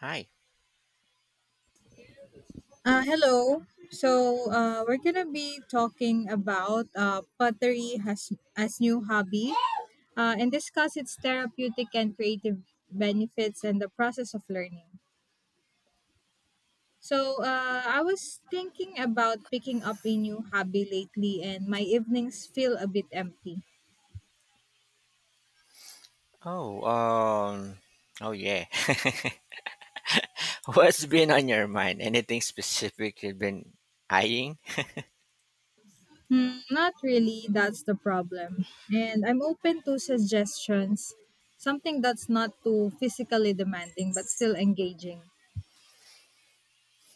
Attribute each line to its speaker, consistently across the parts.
Speaker 1: Hi.
Speaker 2: Hello. So we're gonna be talking about pottery has as new hobby, and discuss its therapeutic and creative benefits and the process of learning. So I was thinking about picking up a new hobby lately, and my evenings feel a bit empty.
Speaker 1: Oh, oh yeah. What's been on your mind? Anything specific you've been eyeing?
Speaker 2: Hmm, not really. That's the problem. And I'm open to suggestions. Something that's not too physically demanding but still engaging.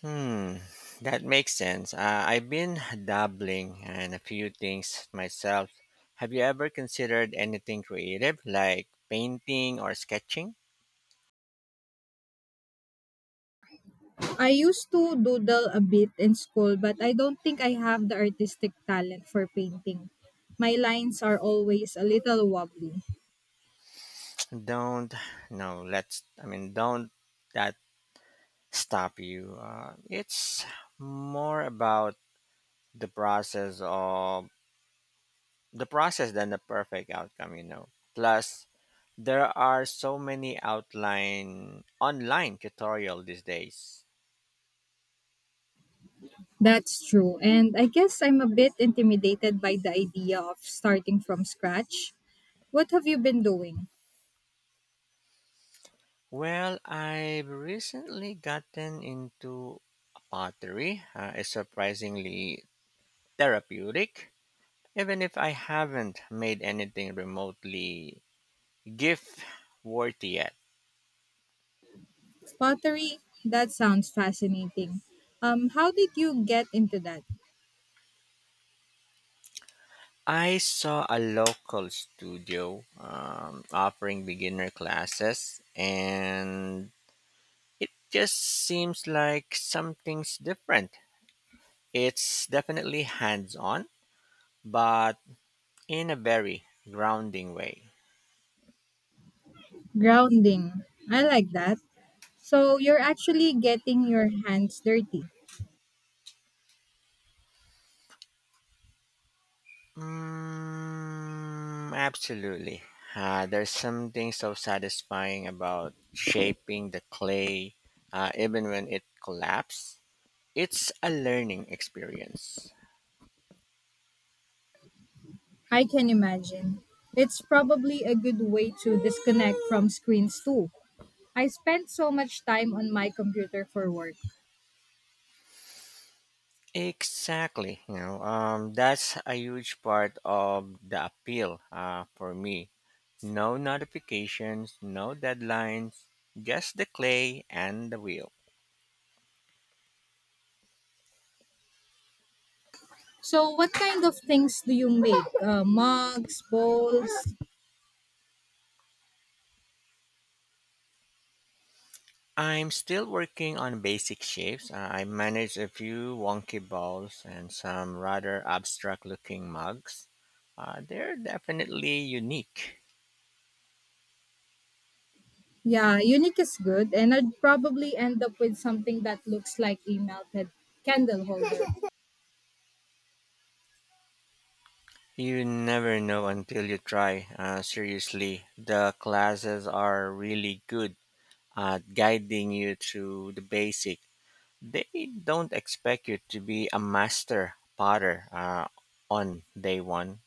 Speaker 1: Hmm, that makes sense. I've been dabbling in a few things myself. Have you ever considered anything creative like painting or sketching?
Speaker 2: I used to doodle a bit in school, but I don't think I have the artistic talent for painting. My lines are always a little wobbly.
Speaker 1: Don't, No, I mean, don't that stop you. It's more about the process of the process than the perfect outcome. Plus, there are so many outline online tutorial these days.
Speaker 2: That's true. And I guess I'm a bit intimidated by the idea of starting from scratch. What have you been doing?
Speaker 1: Well, I've recently gotten into pottery. It's surprisingly therapeutic, even if I haven't made anything remotely gift worthy yet.
Speaker 2: Pottery? That sounds fascinating. How did you get into that?
Speaker 1: I saw a local studio offering beginner classes, and it just seems like something's different. It's definitely hands on, but in a very grounding way.
Speaker 2: Grounding. I like that. So you're actually getting your hands dirty.
Speaker 1: Mm, absolutely. There's something so satisfying about shaping the clay, even when it collapses. It's a learning experience.
Speaker 2: I can imagine. It's probably a good way to disconnect from screens too. I spend so much time on my computer for work.
Speaker 1: Exactly. That's a huge part of the appeal for me. No notifications, no deadlines, just the clay and the wheel.
Speaker 2: So, what kind of things do you make? Mugs, bowls?
Speaker 1: I'm still working on basic shapes. I manage a few wonky balls and some rather abstract looking mugs. They're definitely unique.
Speaker 2: Yeah, unique is good, and I'd probably end up with something that looks like a melted candle holder.
Speaker 1: You never know until you try. Seriously, the classes are really good guiding you through the basic. They don't expect you to be a master potter on day one.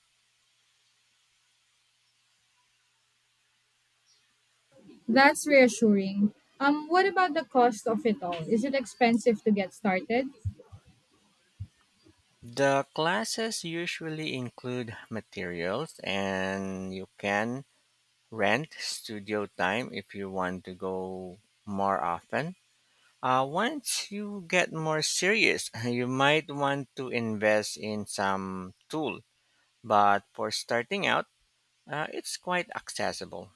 Speaker 2: That's reassuring. What about the cost of it all? Is it expensive to get started?
Speaker 1: The classes usually include materials, and you can rent studio time if you want to go more often. Once you get more serious, you might want to invest in some tool, but for starting out, it's quite accessible.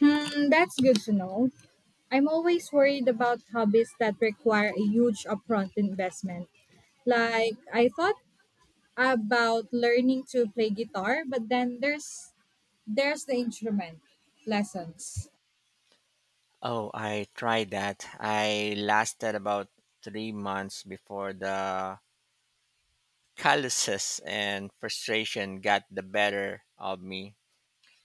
Speaker 2: Hmm, that's good to know. I'm always worried about hobbies that require a huge upfront investment. Like I thought about learning to play guitar, but then there's the instrument lessons.
Speaker 1: Oh, I tried that. I lasted about 3 months before the calluses and frustration got the better of me.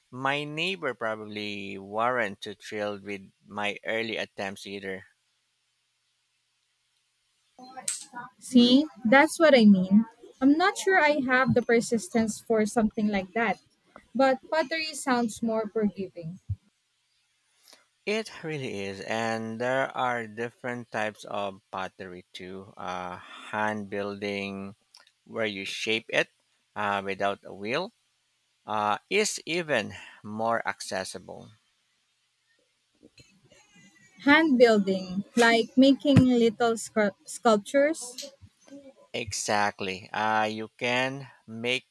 Speaker 1: My neighbor probably weren't too thrilled with my early attempts either.
Speaker 2: See, that's what I mean. I'm not sure I have the persistence for something like that. But pottery sounds more forgiving.
Speaker 1: It really is, and there are different types of pottery too. Hand building, where you shape it without a wheel, is even more accessible.
Speaker 2: Hand building, like making little sculptures,
Speaker 1: Exactly. You can make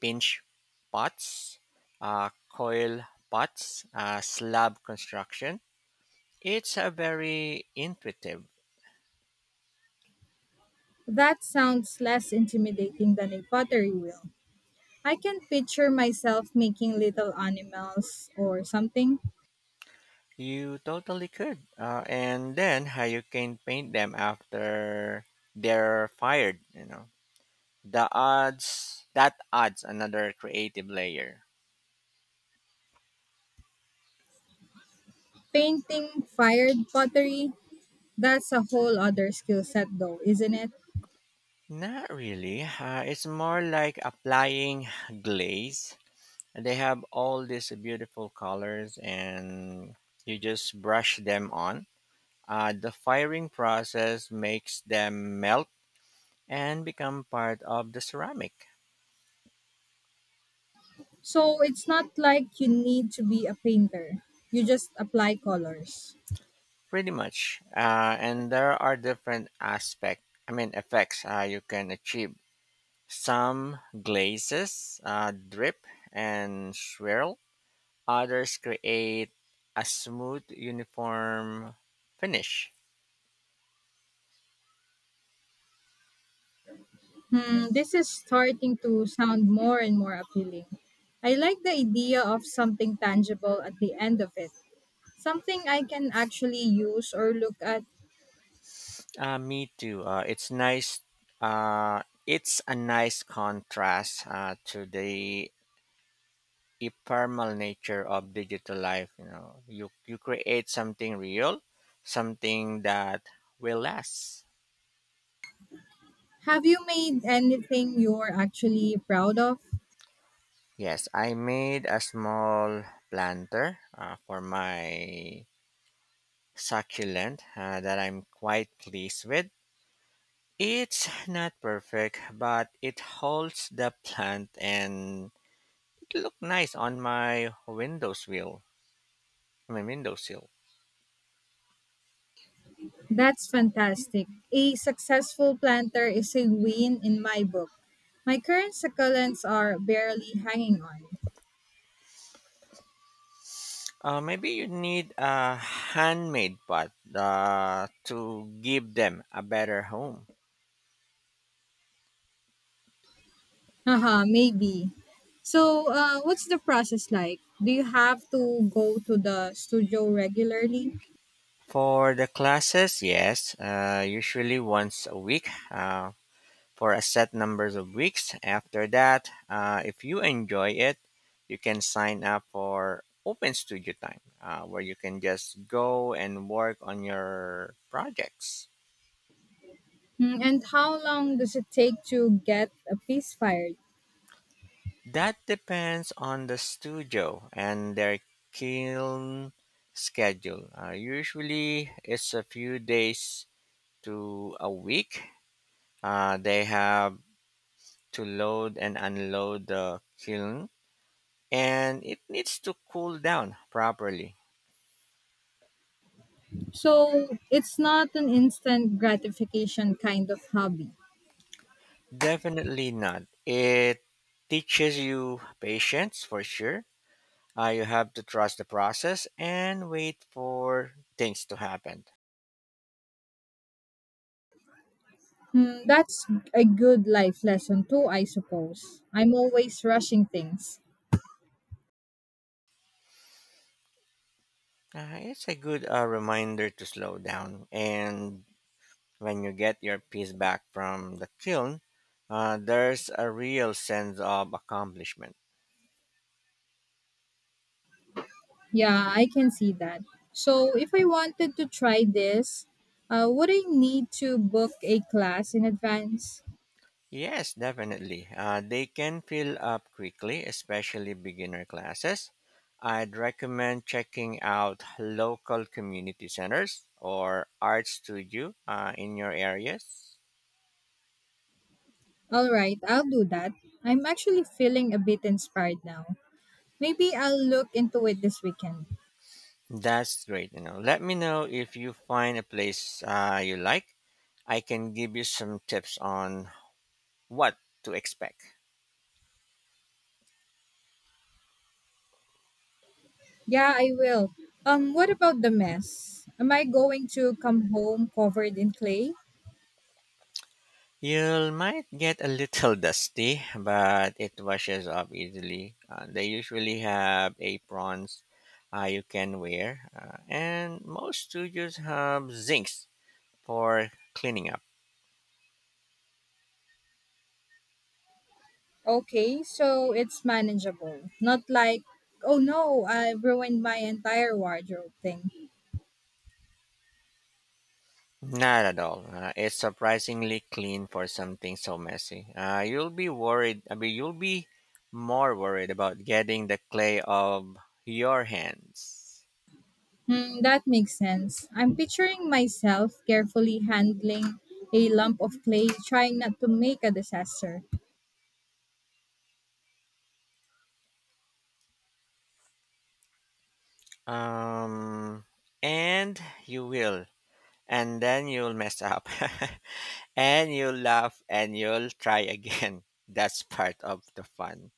Speaker 1: pinch pots, coil pots, slab construction. It's a very intuitive.
Speaker 2: that sounds less intimidating than a pottery wheel. I can picture myself making little animals or something.
Speaker 1: You totally could. And then how you can paint them after they're fired. That adds another creative layer.
Speaker 2: Painting fired pottery, that's a whole other skill set though, isn't it?
Speaker 1: Not really. It's more like applying glaze. And they have all these beautiful colors and you just brush them on. The firing process makes them melt and become part of the ceramic,
Speaker 2: So it's not like you need to be a painter. You just apply colors.
Speaker 1: pretty much. And there are different aspect, I mean effects you can achieve. Some glazes drip and swirl. Others create a smooth, uniform finish.
Speaker 2: Hmm, this is starting to sound more and more appealing. I like the idea of something tangible at the end of it. Something I can actually use or look at.
Speaker 1: Me too. It's nice. It's a nice contrast to the ephemeral nature of digital life. You create something real, something that will last.
Speaker 2: Have you made anything you're actually proud of?
Speaker 1: Yes, I made a small planter for my succulent that I'm quite pleased with. It's not perfect, but it holds the plant and look nice on my windowsill.
Speaker 2: That's fantastic. A successful planter is a win in my book. My current succulents are barely hanging on.
Speaker 1: Maybe you need a handmade pot to give them a better home.
Speaker 2: Haha, maybe. So, what's the process like? Do you have to go to the studio regularly?
Speaker 1: For the classes, yes, usually once a week for a set numbers of weeks. After that, if you enjoy it, you can sign up for open studio time where you can just go and work on your projects.
Speaker 2: Mm, and how long does it take to get a piece fired?
Speaker 1: That depends on the studio and their kiln schedule. Usually, it's a few days to a week. They have to load and unload the kiln, and it needs to cool down properly.
Speaker 2: So, it's not an instant gratification kind of hobby.
Speaker 1: Definitely not. It teaches you patience for sure. You have to trust the process and wait for things to happen.
Speaker 2: Hmm, that's a good life lesson too, I suppose. I'm always rushing things.
Speaker 1: It's a good reminder to slow down. And when you get your piece back from the kiln, there's a real sense of accomplishment.
Speaker 2: Yeah, I can see that. So, if I wanted to try this, would I need to book a class in advance?
Speaker 1: Yes, definitely. They can fill up quickly, especially beginner classes. I'd recommend checking out local community centers or art studio in your areas.
Speaker 2: All right, I'll do that. I'm actually feeling a bit inspired now. Maybe I'll look into it this weekend.
Speaker 1: That's great. Let me know if you find a place you like. I can give you some tips on what to expect.
Speaker 2: Yeah, I will. What about the mess? Am I going to come home covered in clay?
Speaker 1: You might get a little dusty, but it washes off easily. They usually have aprons you can wear, and most studios have zincs for cleaning up.
Speaker 2: Okay, so it's manageable. Not like, oh no, I ruined my entire wardrobe thing.
Speaker 1: Not at all. It's surprisingly clean for something so messy. You'll be worried. I mean, you'll be more worried about getting the clay of your hands.
Speaker 2: Hmm, that makes sense. I'm picturing myself carefully handling a lump of clay, trying not to make a disaster.
Speaker 1: Um, and you will. And then you'll mess up. And you'll laugh and you'll try again. That's part of the fun.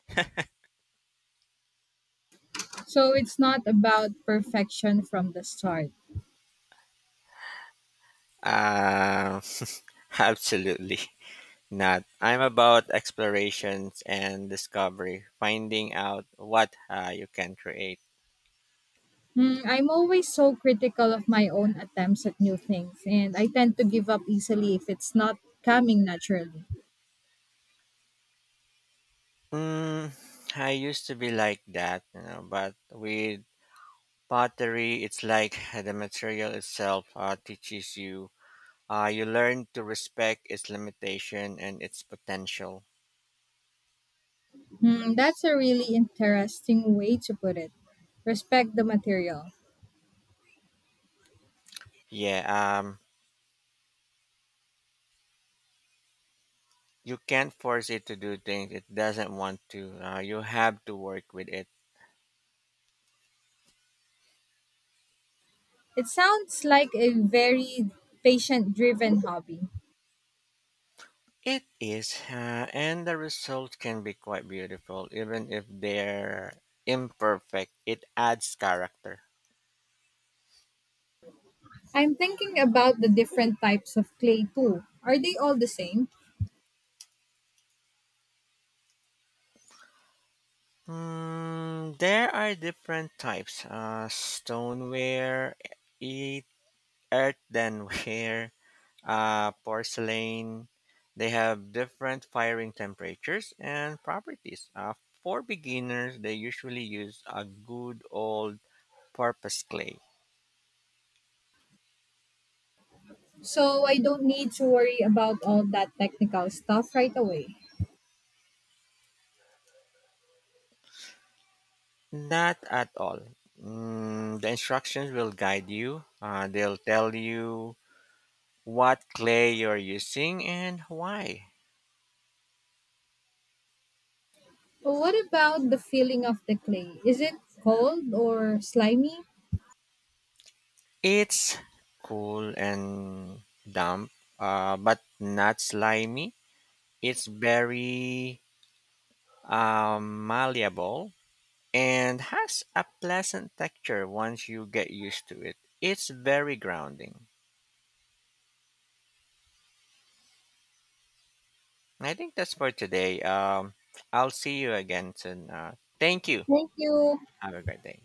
Speaker 2: So it's not about perfection from the start.
Speaker 1: Uh, Absolutely not. I'm about explorations and discovery, finding out what you can create.
Speaker 2: Hmm, I'm always so critical of my own attempts at new things, and I tend to give up easily if it's not coming naturally.
Speaker 1: Mm, I used to be like that, but with pottery, it's like the material itself teaches you. You learn to respect its limitation and its potential.
Speaker 2: Hmm, that's a really interesting way to put it. Respect the material.
Speaker 1: Yeah, you can't force it to do things it doesn't want to. You have to work with it.
Speaker 2: It sounds like a very patient driven hobby.
Speaker 1: It is, and the results can be quite beautiful, even if they're imperfect. It adds character.
Speaker 2: I'm thinking about the different types of clay too. Are they all the same?
Speaker 1: Hmm, there are different types. Stoneware, e- earthenware, porcelain. They have different firing temperatures and properties. For beginners, they usually use a good old purpose clay.
Speaker 2: So I don't need to worry about all that technical stuff right away.
Speaker 1: Not at all. The instructions will guide you. They'll tell you what clay you're using and why.
Speaker 2: But what about the feeling of the clay? Is it cold or slimy?
Speaker 1: It's cool and damp, but not slimy. It's very malleable and has a pleasant texture once you get used to it. It's very grounding. I think that's for today. I'll see you again soon. Thank you.
Speaker 2: Thank you.
Speaker 1: Have a great day.